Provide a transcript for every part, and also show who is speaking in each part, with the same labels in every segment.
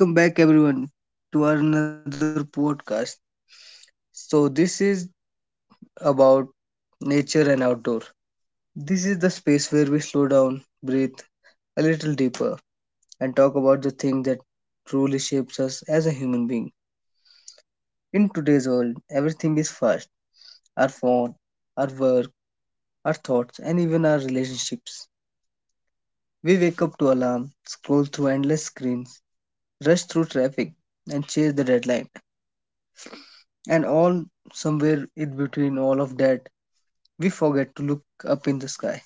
Speaker 1: Welcome back, everyone, to our another podcast. So, this is about nature and outdoor. This is the space where we slow down, breathe a little deeper, and talk about the thing that truly shapes us as a human being. In today's world, everything is fast, our phone, our work, our thoughts, and even our relationships. We wake up to alarm, scroll through endless screens, rush through traffic, and chase the deadline. And all somewhere in between all of that we forget to look up in the sky.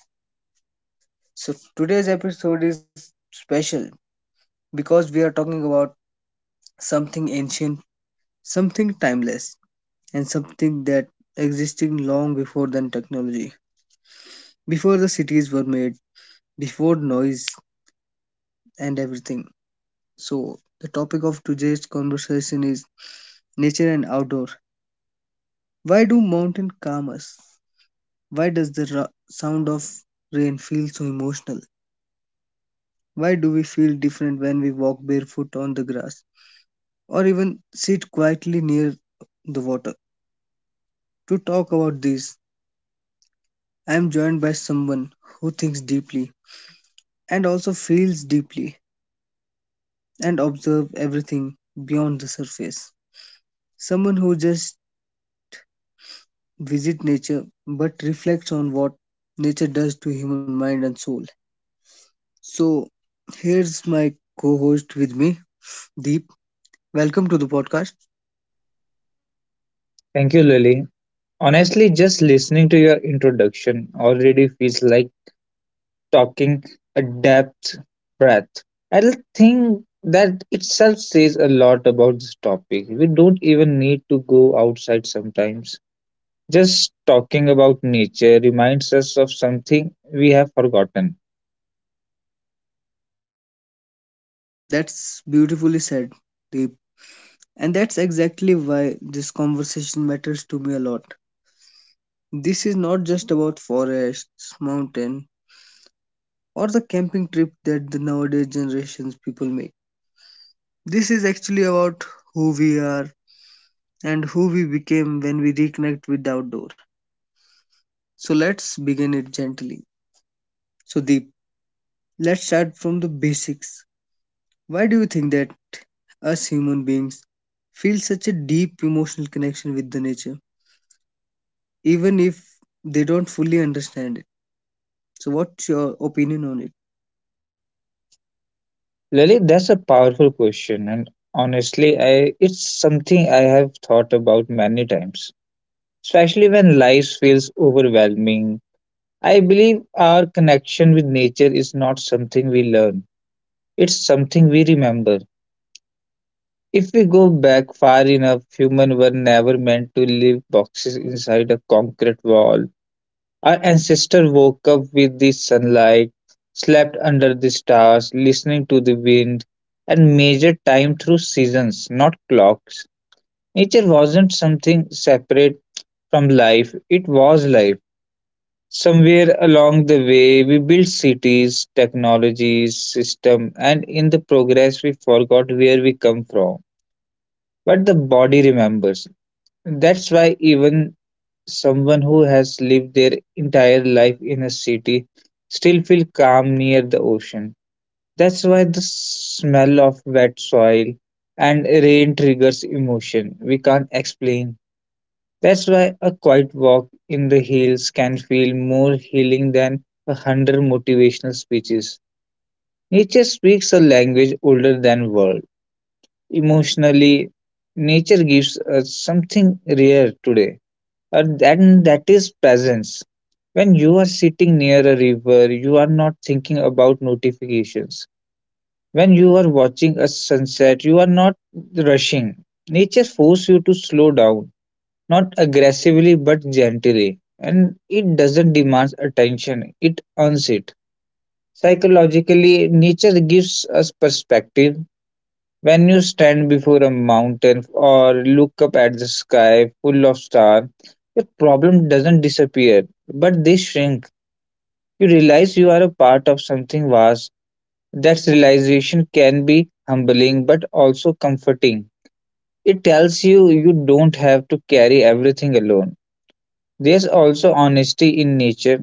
Speaker 1: So today's episode is special because we are talking about something ancient, something timeless, and something that existed long before then technology, before the cities were made, before noise and everything. So the topic of today's conversation is nature and outdoor. Why do mountains calm us? Why does the sound of rain feel so emotional? Why do we feel different when we walk barefoot on the grass, or even sit quietly near the water? To talk about this, I am joined by someone who thinks deeply and also feels deeply and observe everything beyond the surface. Someone who just visit nature but reflects on what nature does to human mind and soul. So here's my co-host with me, Deep. Welcome to the podcast.
Speaker 2: Thank you, Lily. Honestly, just listening to your introduction already feels like talking a depth breath. I think that itself says a lot about this topic. We don't even need to go outside sometimes. Just talking about nature reminds us of something we have forgotten.
Speaker 1: That's beautifully said, Deep. And that's exactly why this conversation matters to me a lot. This is not just about forests, mountain, or the camping trip that the nowadays generations people make. This is actually about who we are and who we became when we reconnect with the outdoor. So let's begin it gently. So Deep, let's start from the basics. Why do you think that us human beings feel such a deep emotional connection with the nature, even if they don't fully understand it? So what's your opinion on it?
Speaker 2: Lily, that's a powerful question, and honestly, I it's something I have thought about many times, especially when life feels overwhelming. I believe our connection with nature is not something we learn, it's something we remember. If we go back far enough, humans were never meant to live boxes inside a concrete wall. Our ancestors woke up with the sunlight, slept under the stars, listening to the wind, and measured time through seasons, not clocks. Nature wasn't something separate from life, it was life. Somewhere along the way, we built cities, technologies, system, and in the progress, we forgot where we come from. But the body remembers. That's why even someone who has lived their entire life in a city still feel calm near the ocean. That's why the smell of wet soil and rain triggers emotion we can't explain. That's why a quiet walk in the hills can feel more healing than a hundred motivational speeches. Nature speaks a language older than world. Emotionally, nature gives us something rare today, and that is presence. When you are sitting near a river, you are not thinking about notifications. When you are watching a sunset, you are not rushing. Nature forces you to slow down, not aggressively but gently, and it doesn't demand attention, it earns it. Psychologically, nature gives us perspective. When you stand before a mountain or look up at the sky full of stars, your problem doesn't disappear, but they shrink. You realize you are a part of something vast. That realization can be humbling but also comforting. It tells you you don't have to carry everything alone. There's also honesty in nature.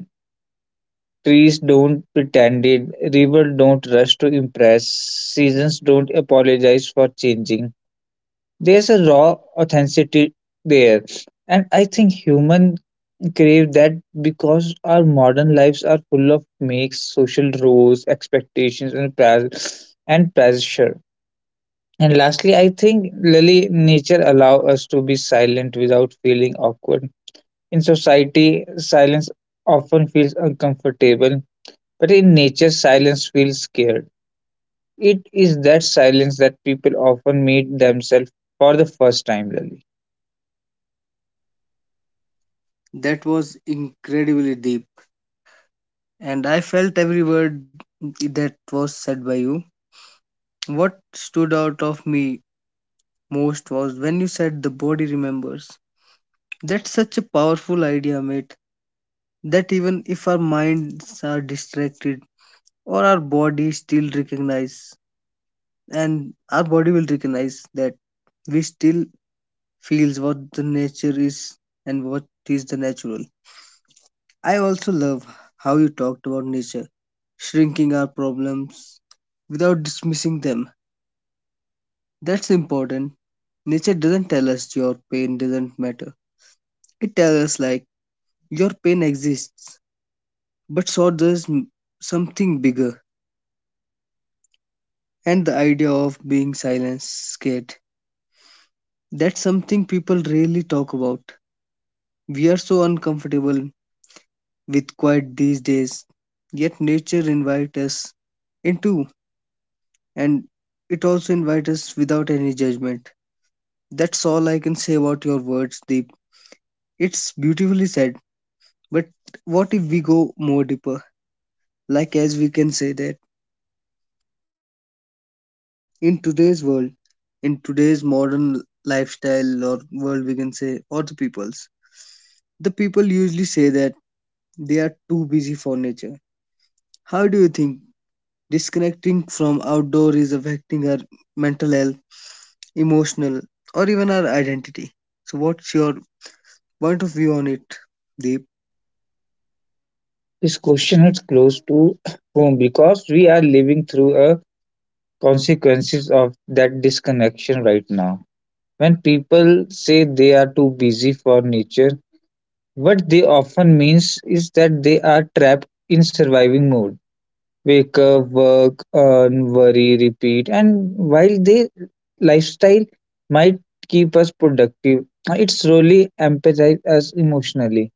Speaker 2: Trees don't pretend it, rivers don't rush to impress, seasons don't apologize for changing. There's a raw authenticity there. And I think humans crave that because our modern lives are full of makes, social roles, expectations, and pressure. And lastly, I think, Lily, nature allows us to be silent without feeling awkward. In society, silence often feels uncomfortable, but in nature, silence feels scared. It is that silence that people often meet themselves for the first time, Lily.
Speaker 1: That was incredibly deep, and I felt every word that was said by you. What stood out of me most was when you said the body remembers. That's such a powerful idea, mate, that even if our minds are distracted or our body still recognize and our body will recognize that we still feels what the nature is and what is the natural. I also love how you talked about nature, shrinking our problems without dismissing them. That's important. Nature doesn't tell us your pain doesn't matter. It tells us like your pain exists, but so does something bigger. And the idea of being silenced, scared. That's something people rarely talk about. We are so uncomfortable with quiet these days, yet nature invites us into and it also invites us without any judgment. That's all I can say about your words, Deep. It's beautifully said. But what if we go more deeper? Like, as we can say that in today's world, in today's modern lifestyle or world, we can say, or the peoples, the people usually say that they are too busy for nature. How do you think disconnecting from outdoor is affecting our mental health, emotional, or even our identity? So, what's your point of view on it, Deep?
Speaker 2: This question is close to home because we are living through a consequences of that disconnection right now. When people say they are too busy for nature, what they often means is that they are trapped in surviving mode: wake up, work, earn, worry, repeat. And while the lifestyle might keep us productive, it slowly empathizes us emotionally.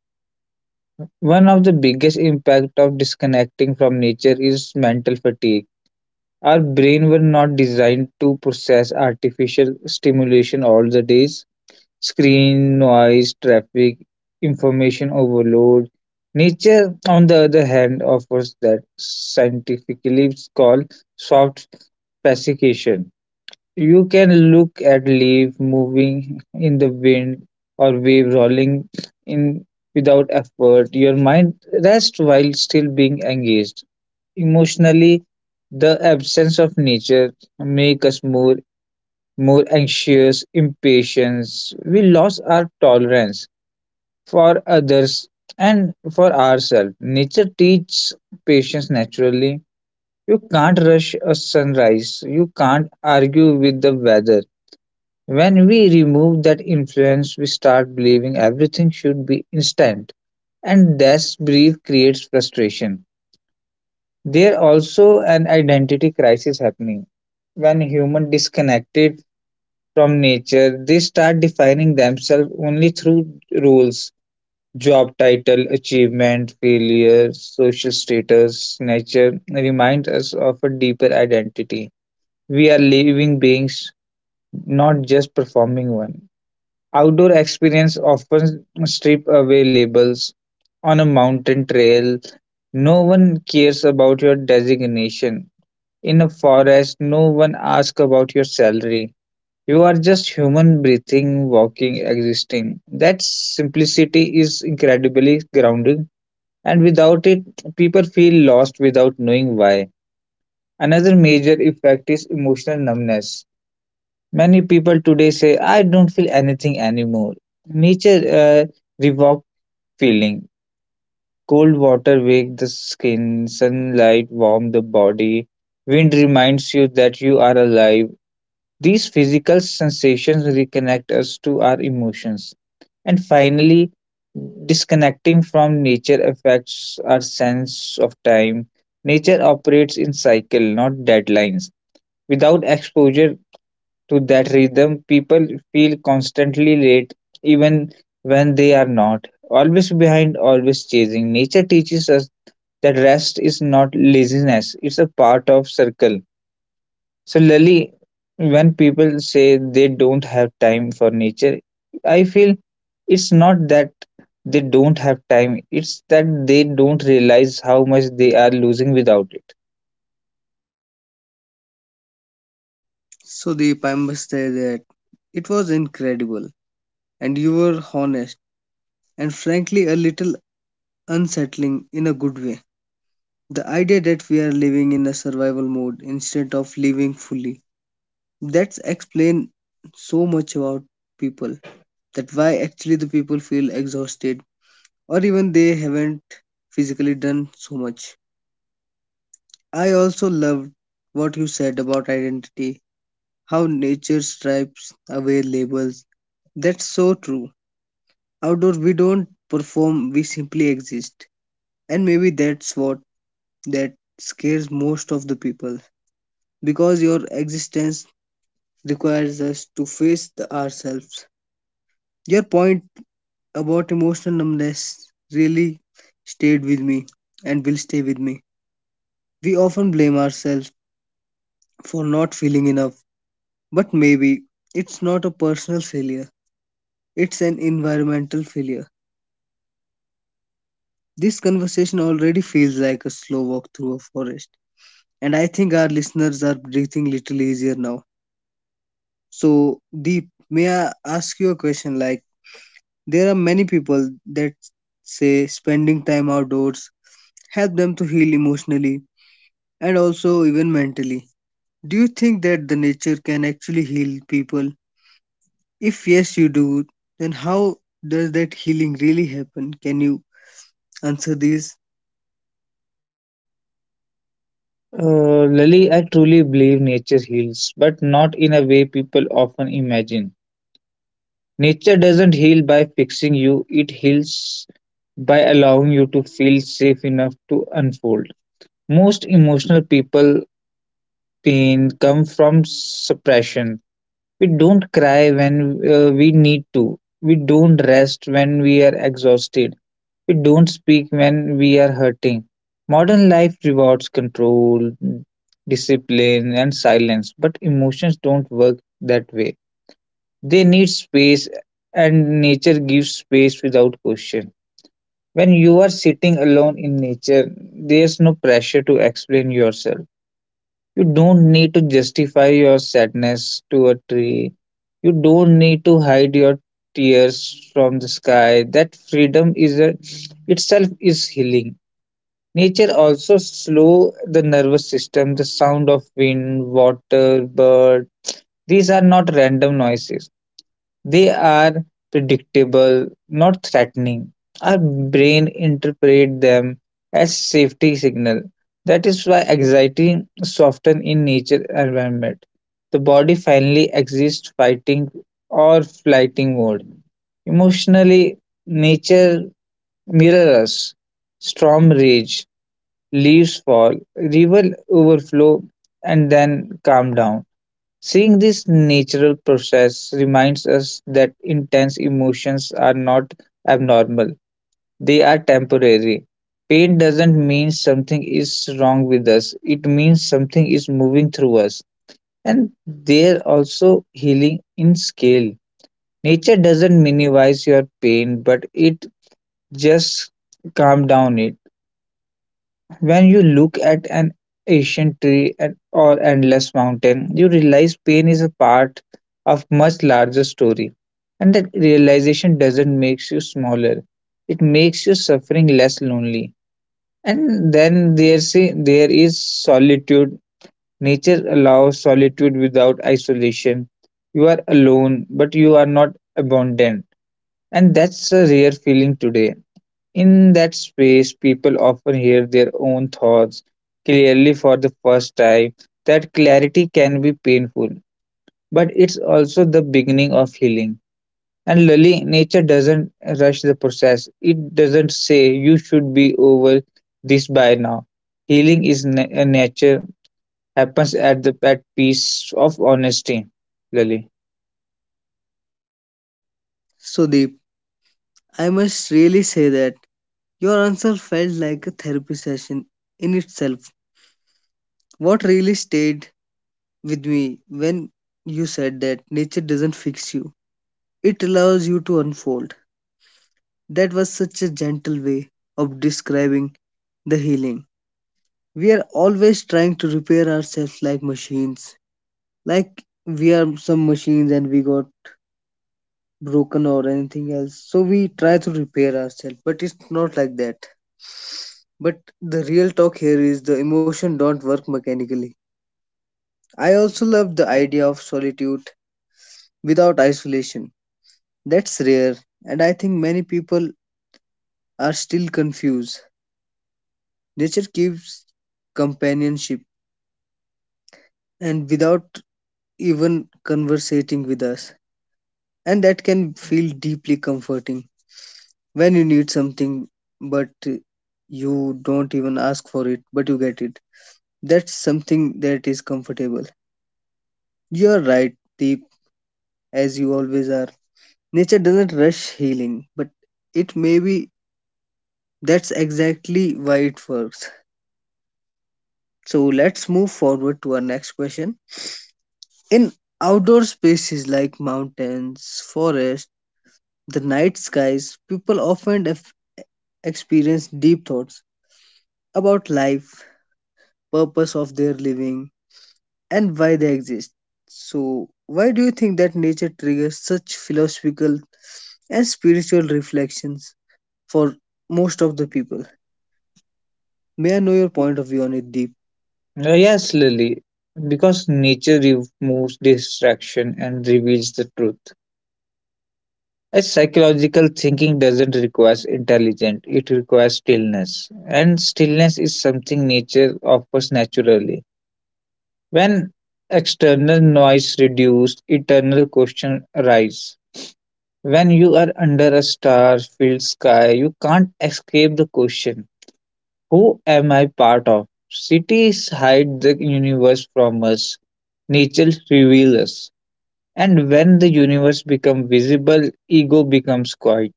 Speaker 2: One of the biggest impact of disconnecting from nature is mental fatigue. Our brain were not designed to process artificial stimulation all the days: screen noise, traffic, information overload. Nature, on the other hand, offers that scientifically called soft pacification. You can look at leaves moving in the wind or wave rolling in without effort. Your mind rests while still being engaged. Emotionally, the absence of nature make us more anxious, impatience. We lost our tolerance for others and for ourselves. Nature teaches patience naturally. You can't rush a sunrise, you can't argue with the weather. When we remove that influence, we start believing everything should be instant, and this brief creates frustration. There also an identity crisis happening. When human disconnected from nature, they start defining themselves only through roles: job title, achievement, failure, social status. Nature reminds us of a deeper identity. We are living beings, not just performing one. Outdoor experience often strip away labels. On a mountain trail, no one cares about your designation. In a forest, no one asks about your salary. You are just human, breathing, walking, existing. That simplicity is incredibly grounding, and without it, people feel lost without knowing why. Another major effect is emotional numbness. Many people today say, I don't feel anything anymore. Nature revoked feeling. Cold water wakes the skin, sunlight warms the body, wind reminds you that you are alive. These physical sensations reconnect us to our emotions. And finally, disconnecting from nature affects our sense of time. Nature operates in cycle, not deadlines. Without exposure to that rhythm, people feel constantly late, even when they are not. Always behind, always chasing. Nature teaches us that rest is not laziness, it's a part of circle. So, Lily, when people say they don't have time for nature, I feel it's not that they don't have time, it's that they don't realize how much they are losing without it.
Speaker 1: So, Deep, I must say that it was incredible, and you were honest and frankly a little unsettling in a good way. The idea that we are living in a survival mode instead of living fully. That's explain so much about people that why actually the people feel exhausted or even they haven't physically done so much. I also loved what you said about identity, how nature stripes away labels. That's so true. Outdoor we don't perform, we simply exist. And maybe that's what that scares most of the people because your existence requires us to face the ourselves. Your point about emotional numbness really stayed with me and will stay with me. We often blame ourselves for not feeling enough, but maybe it's not a personal failure, it's an environmental failure. This conversation already feels like a slow walk through a forest, and I think our listeners are breathing little easier now. So, Deep, may I ask you a question? Like, there are many people that say spending time outdoors help them to heal emotionally and also even mentally. Do you think that the nature can actually heal people? If yes, you do, then how does that healing really happen? Can you answer these?
Speaker 2: Lily, I truly believe nature heals, but not in a way people often imagine. Nature doesn't heal by fixing you, it heals by allowing you to feel safe enough to unfold. Most emotional people pain come from suppression. We don't cry when we need to. We don't rest when we are exhausted. We don't speak when we are hurting. Modern life rewards control, discipline, and silence, but emotions don't work that way. They need space, and nature gives space without question. When you are sitting alone in nature, there's no pressure to explain yourself. You don't need to justify your sadness to a tree. You don't need to hide your tears from the sky. That freedom itself is healing. Nature also slow the nervous system. The sound of wind, water, bird. These are not random noises. They are predictable, not threatening. Our brain interpret them as safety signal. That is why anxiety soften in nature environment. The body finally exists fighting or flighting mode. Emotionally, nature mirrors us. Storm rage, leaves fall, river overflow, and then calm down. Seeing this natural process reminds us that intense emotions are not abnormal, they are temporary. Pain doesn't mean something is wrong with us, it means something is moving through us, and they're also healing in scale. Nature doesn't minimize your pain, but it just calm down it. When you look at an ancient tree or endless mountain, you realize pain is a part of much larger story. And that realization doesn't make you smaller. It makes your suffering less lonely. And then there is solitude. Nature allows solitude without isolation. You are alone, but you are not abandoned. And that's a rare feeling today. In that space, people often hear their own thoughts clearly for the first time. That clarity can be painful, but it's also the beginning of healing. And Lali, nature doesn't rush the process, it doesn't say you should be over this by now. Healing is nature, happens at peace of honesty. Lali.
Speaker 1: So, Deep, I must really say that your answer felt like a therapy session in itself. What really stayed with me when you said that nature doesn't fix you, it allows you to unfold. That was such a gentle way of describing the healing. We are always trying to repair ourselves like machines, like we are some machines and we got broken or anything else. So we try to repair ourselves, but it's not like that. But the real talk here is the emotion don't work mechanically. I also love the idea of solitude without isolation. That's rare, and I think many people are still confused. Nature gives companionship and without even conversating with us, and that can feel deeply comforting when you need something but you don't even ask for it, but you get it. That's something that is comfortable. You're right, Deep, as you always are. Nature doesn't rush healing, but it may be that's exactly why it works. So let's move forward to our next question. In outdoor spaces like mountains, forests, the night skies, people often experience deep thoughts about life, purpose of their living, and why they exist. So, why do you think that nature triggers such philosophical and spiritual reflections for most of the people? May I know your point of view on it, Deep?
Speaker 2: Yes, Lali, because nature removes distraction and reveals the truth. A psychological thinking doesn't require intelligence, it requires stillness. And stillness is something nature offers naturally. When external noise reduced, eternal questions arise. When you are under a star filled sky, you can't escape the question: Who am I part of? Cities hide the universe from us, nature reveals us. And when the universe becomes visible, ego becomes quiet.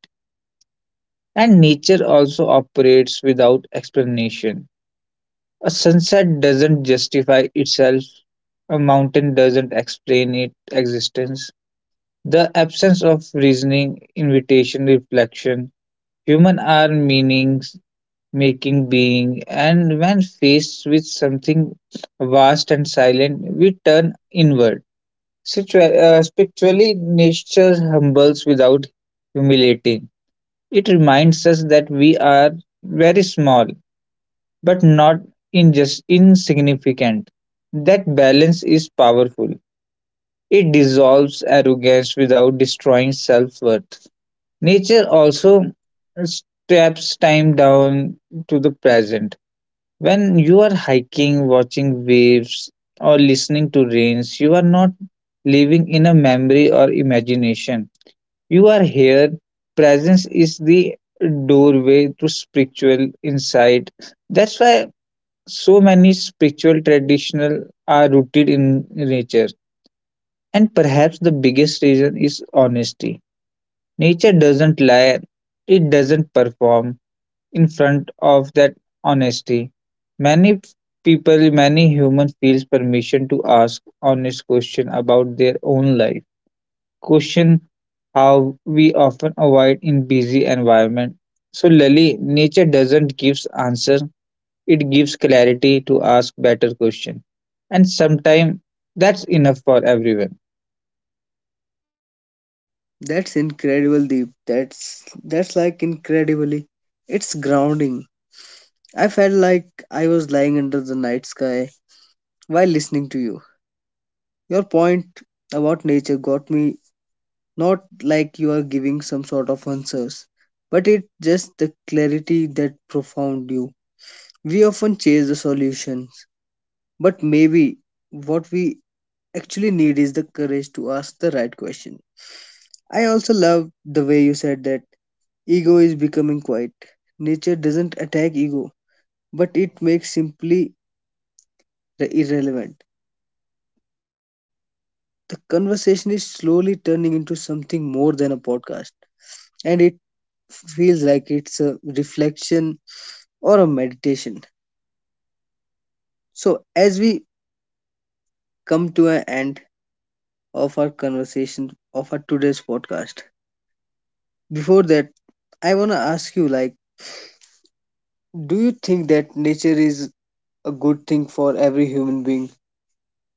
Speaker 2: And nature also operates without explanation. A sunset doesn't justify itself, a mountain doesn't explain its existence. The absence of reasoning, invitation, reflection, human are meanings, making being, and when faced with something vast and silent, we turn inward. Spiritually, nature humbles without humiliating. It reminds us that we are very small but not in just insignificant. That balance is powerful. It dissolves arrogance without destroying self worth. Nature also steps time down to the present. When you are hiking, watching waves, or listening to rains, you are not living in a memory or imagination. You are here. Presence is the doorway to spiritual insight. That's why so many spiritual traditional are rooted in nature, and perhaps the biggest reason is honesty. Nature doesn't lie, it doesn't perform in front of that honesty. Many people, many human, feels permission to ask honest question about their own life. Question how we often avoid in busy environment. So Lily, nature doesn't gives answer, it gives clarity to ask better questions. And sometimes that's enough for everyone.
Speaker 1: That's incredible, Deep. That's like incredibly. It's grounding. I felt like I was lying under the night sky while listening to you. Your point about nature got me, not like you are giving some sort of answers, but it just the clarity that profound you. We often chase the solutions, but maybe what we actually need is the courage to ask the right question. I also love the way you said that ego is becoming quiet. Nature doesn't attack ego, but it makes simply irrelevant. The conversation is slowly turning into something more than a podcast, and it feels like it's a reflection or a meditation. So, as we come to an end of our conversation of our today's podcast, before that, I want to ask you like, do you think that nature is a good thing for every human being?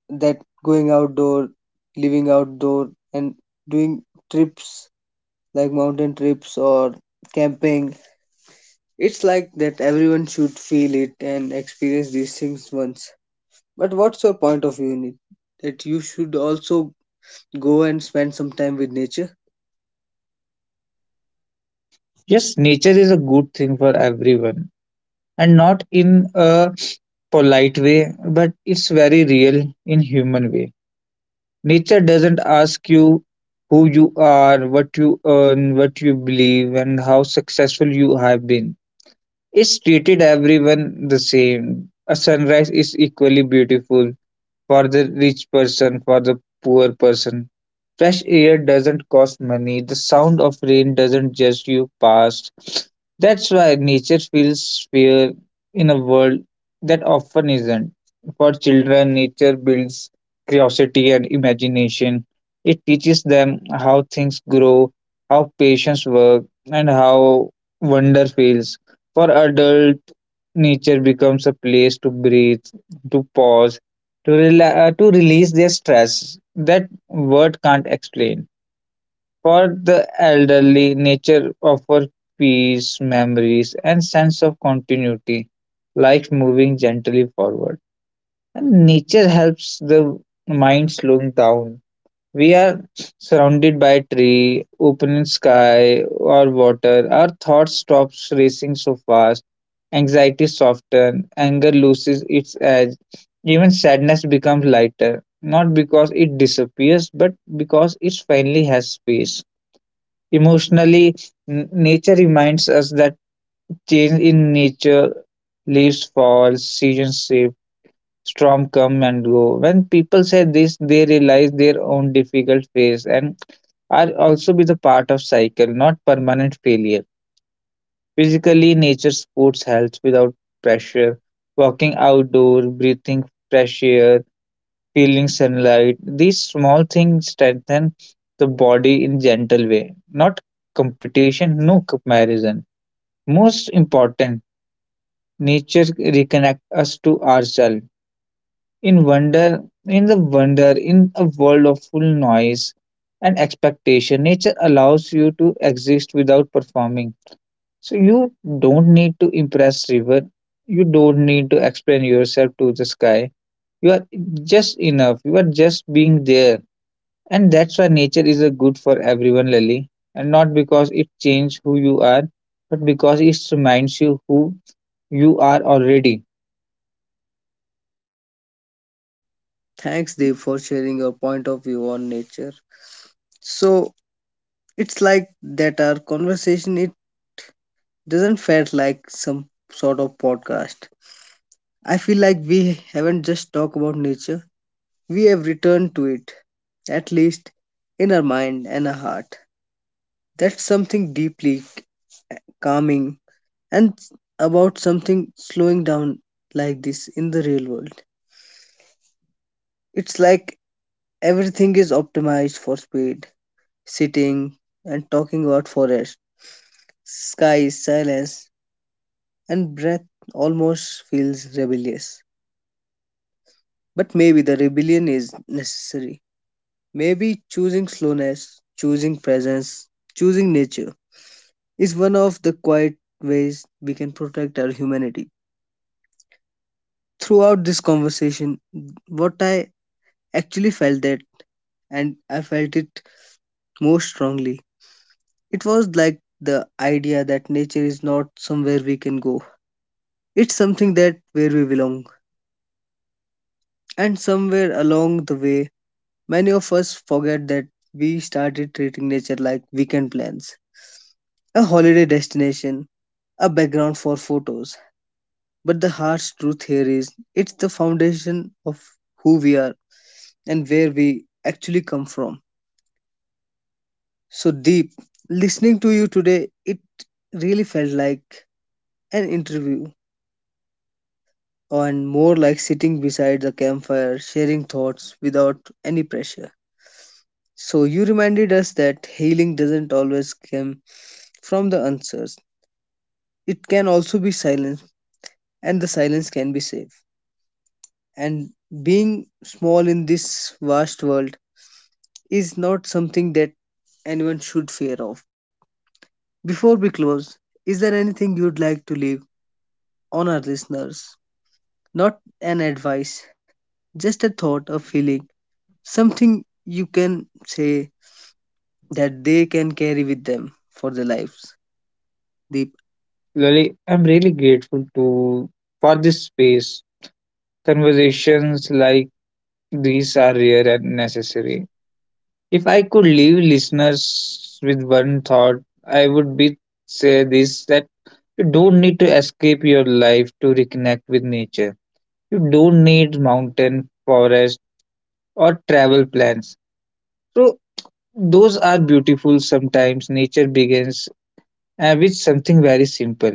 Speaker 1: That going outdoor, living outdoor, and doing trips like mountain trips or camping. It's like that everyone should feel it and experience these things once. But what's your point of view in it? That you should also go and spend some time with nature?
Speaker 2: Yes, nature is a good thing for everyone. And not in a polite way, but it's very real in human way. Nature doesn't ask you who you are, what you earn, what you believe, and how successful you have been. It's treated everyone the same. A sunrise is equally beautiful for the rich person, for the poor person. Fresh air doesn't cost money. The sound of rain doesn't judge you past. That's why nature feels fair in a world that often isn't. For children, nature builds curiosity and imagination. It teaches them how things grow, how patience works, and how wonder feels. For adult, nature becomes a place to breathe, to pause, to release their stress. That word can't explain. For the elderly, nature offers peace, memories, and sense of continuity, like moving gently forward. And nature helps the mind slow down. We are surrounded by tree, open sky or water. Our thoughts stops racing so fast. Anxiety softens, anger loses its edge. Even sadness becomes lighter, not because it disappears, but because it finally has space. Emotionally, nature reminds us that change in nature: leaves fall, seasons shift, storm come and go. When people say this, they realize their own difficult phase and are also be the part of cycle, not permanent failure. Physically, nature supports health without pressure. Walking outdoor, breathing fresh air, feeling sunlight. These small things strengthen the body in gentle way. Not competition, no comparison. Most important, nature reconnect us to ourselves in wonder in the wonder, in a world of full noise and expectation. Nature allows you to exist without performing, so you don't need to impress river, you don't need to explain yourself to the sky. You are just enough, you are just being there. And that's why nature is a good for everyone, Lily. And not because it changes who you are, but because it reminds you who you are already.
Speaker 1: Thanks, Dave, for sharing your point of view on nature. So it's like that our conversation, it doesn't felt like some sort of podcast. I feel like we haven't just talked about nature, we have returned to it, at least in our mind and our heart. That's something deeply calming and about something slowing down like this in the real world. It's like everything is optimized for speed, sitting and talking about forest, sky, silence, and breath almost feels rebellious. But maybe the rebellion is necessary. Maybe choosing slowness, choosing presence, choosing nature is one of the quiet ways we can protect our humanity. Throughout this conversation, what I actually felt that and I felt it most strongly. It was like the idea that nature is not somewhere we can go. It's something that where we belong. And somewhere along the way, many of us forget that we started treating nature like weekend plans, a holiday destination, a background for photos. But the harsh truth here is it's the foundation of who we are and where we actually come from. So deep listening to you today, it really felt like an interview, and more like sitting beside the campfire, sharing thoughts without any pressure. So, you reminded us that healing doesn't always come from the answers, it can also be silence, and the silence can be safe. And being small in this vast world is not something that anyone should fear of. Before we close, is there anything you'd like to leave on our listeners? Not an advice, just a thought, a feeling, something you can say that they can carry with them for their lives. Deep,
Speaker 2: Lily, I'm really grateful to for this space. Conversations like these are rare and necessary. If I could leave listeners with one thought, I would be say this that you don't need to escape your life to reconnect with nature. You don't need mountain, forest, or travel plans. So those are beautiful sometimes. Nature begins with something very simple.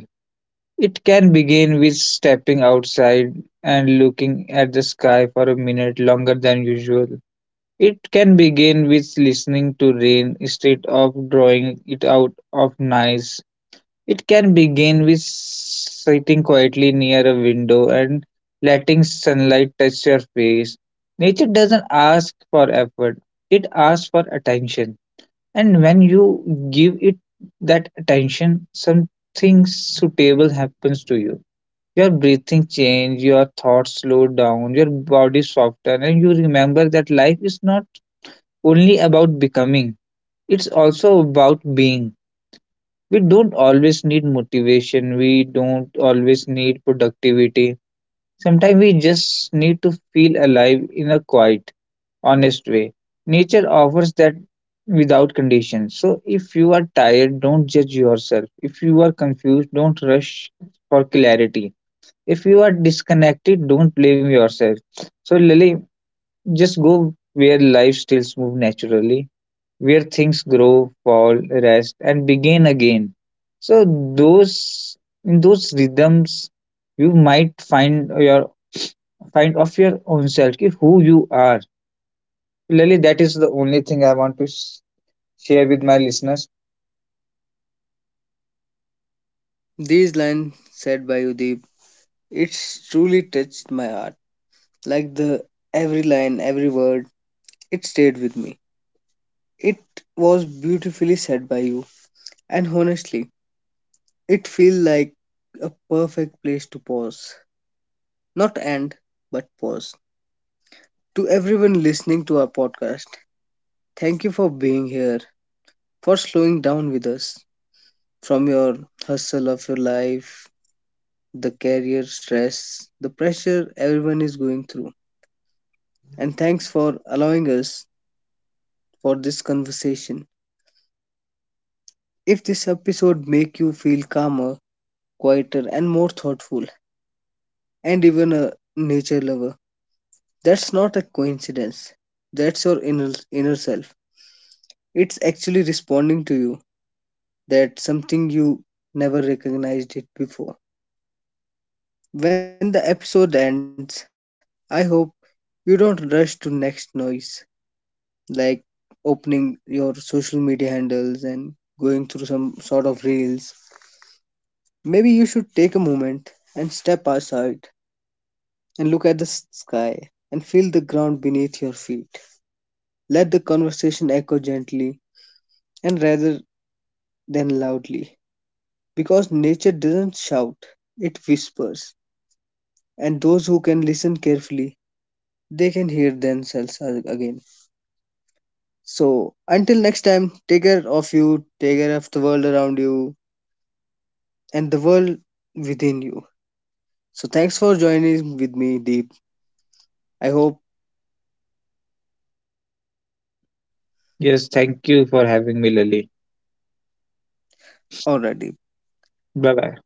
Speaker 2: It can begin with stepping outside and looking at the sky for a minute longer than usual. It can begin with listening to rain instead of drawing it out of noise. It can begin with sitting quietly near a window and letting sunlight touch your face. Nature doesn't ask for effort, it asks for attention. And when you give it that attention, something suitable happens to you. Your breathing change, your thoughts slow down, your body soften, and you remember that life is not only about becoming, it's also about being. We don't always need motivation, we don't always need productivity. Sometimes we just need to feel alive in a quiet, honest way. Nature offers that without condition. So if you are tired, don't judge yourself. If you are confused, don't rush for clarity. If you are disconnected, don't blame yourself. So, Lily, just go where life still moves naturally, where things grow, fall, rest, and begin again. So, those in those rhythms, you might find of your own self ki who you are, Lily. That is the only thing I want to share with my listeners.
Speaker 1: these lines said by you, Deep, it's truly touched my heart. Like the every line, every word, it stayed with me. It was beautifully said by you, and honestly, it feels like a perfect place to pause, not end, but pause. To everyone listening to our podcast, thank you for being here, for slowing down with us from your hustle of your life, the career stress, the pressure everyone is going through. And thanks for allowing us for this conversation. If this episode make you feel calmer, quieter and more thoughtful and even a nature lover, that's not a coincidence. That's your inner self. It's actually responding to you that something you never recognized it before. When the episode ends, I hope you don't rush to next noise like opening your social media handles and going through some sort of reels, maybe you should take a moment and step outside and look at the sky and feel the ground beneath your feet. Let the conversation echo gently and rather than loudly because nature doesn't shout, it whispers. And those who can listen carefully, they can hear themselves again. So, until next time, take care of you, take care of the world around you and the world within you. So, thanks for joining with me, Deep. I hope
Speaker 2: Yes, thank you for having me, Lily.
Speaker 1: already.
Speaker 2: Bye bye.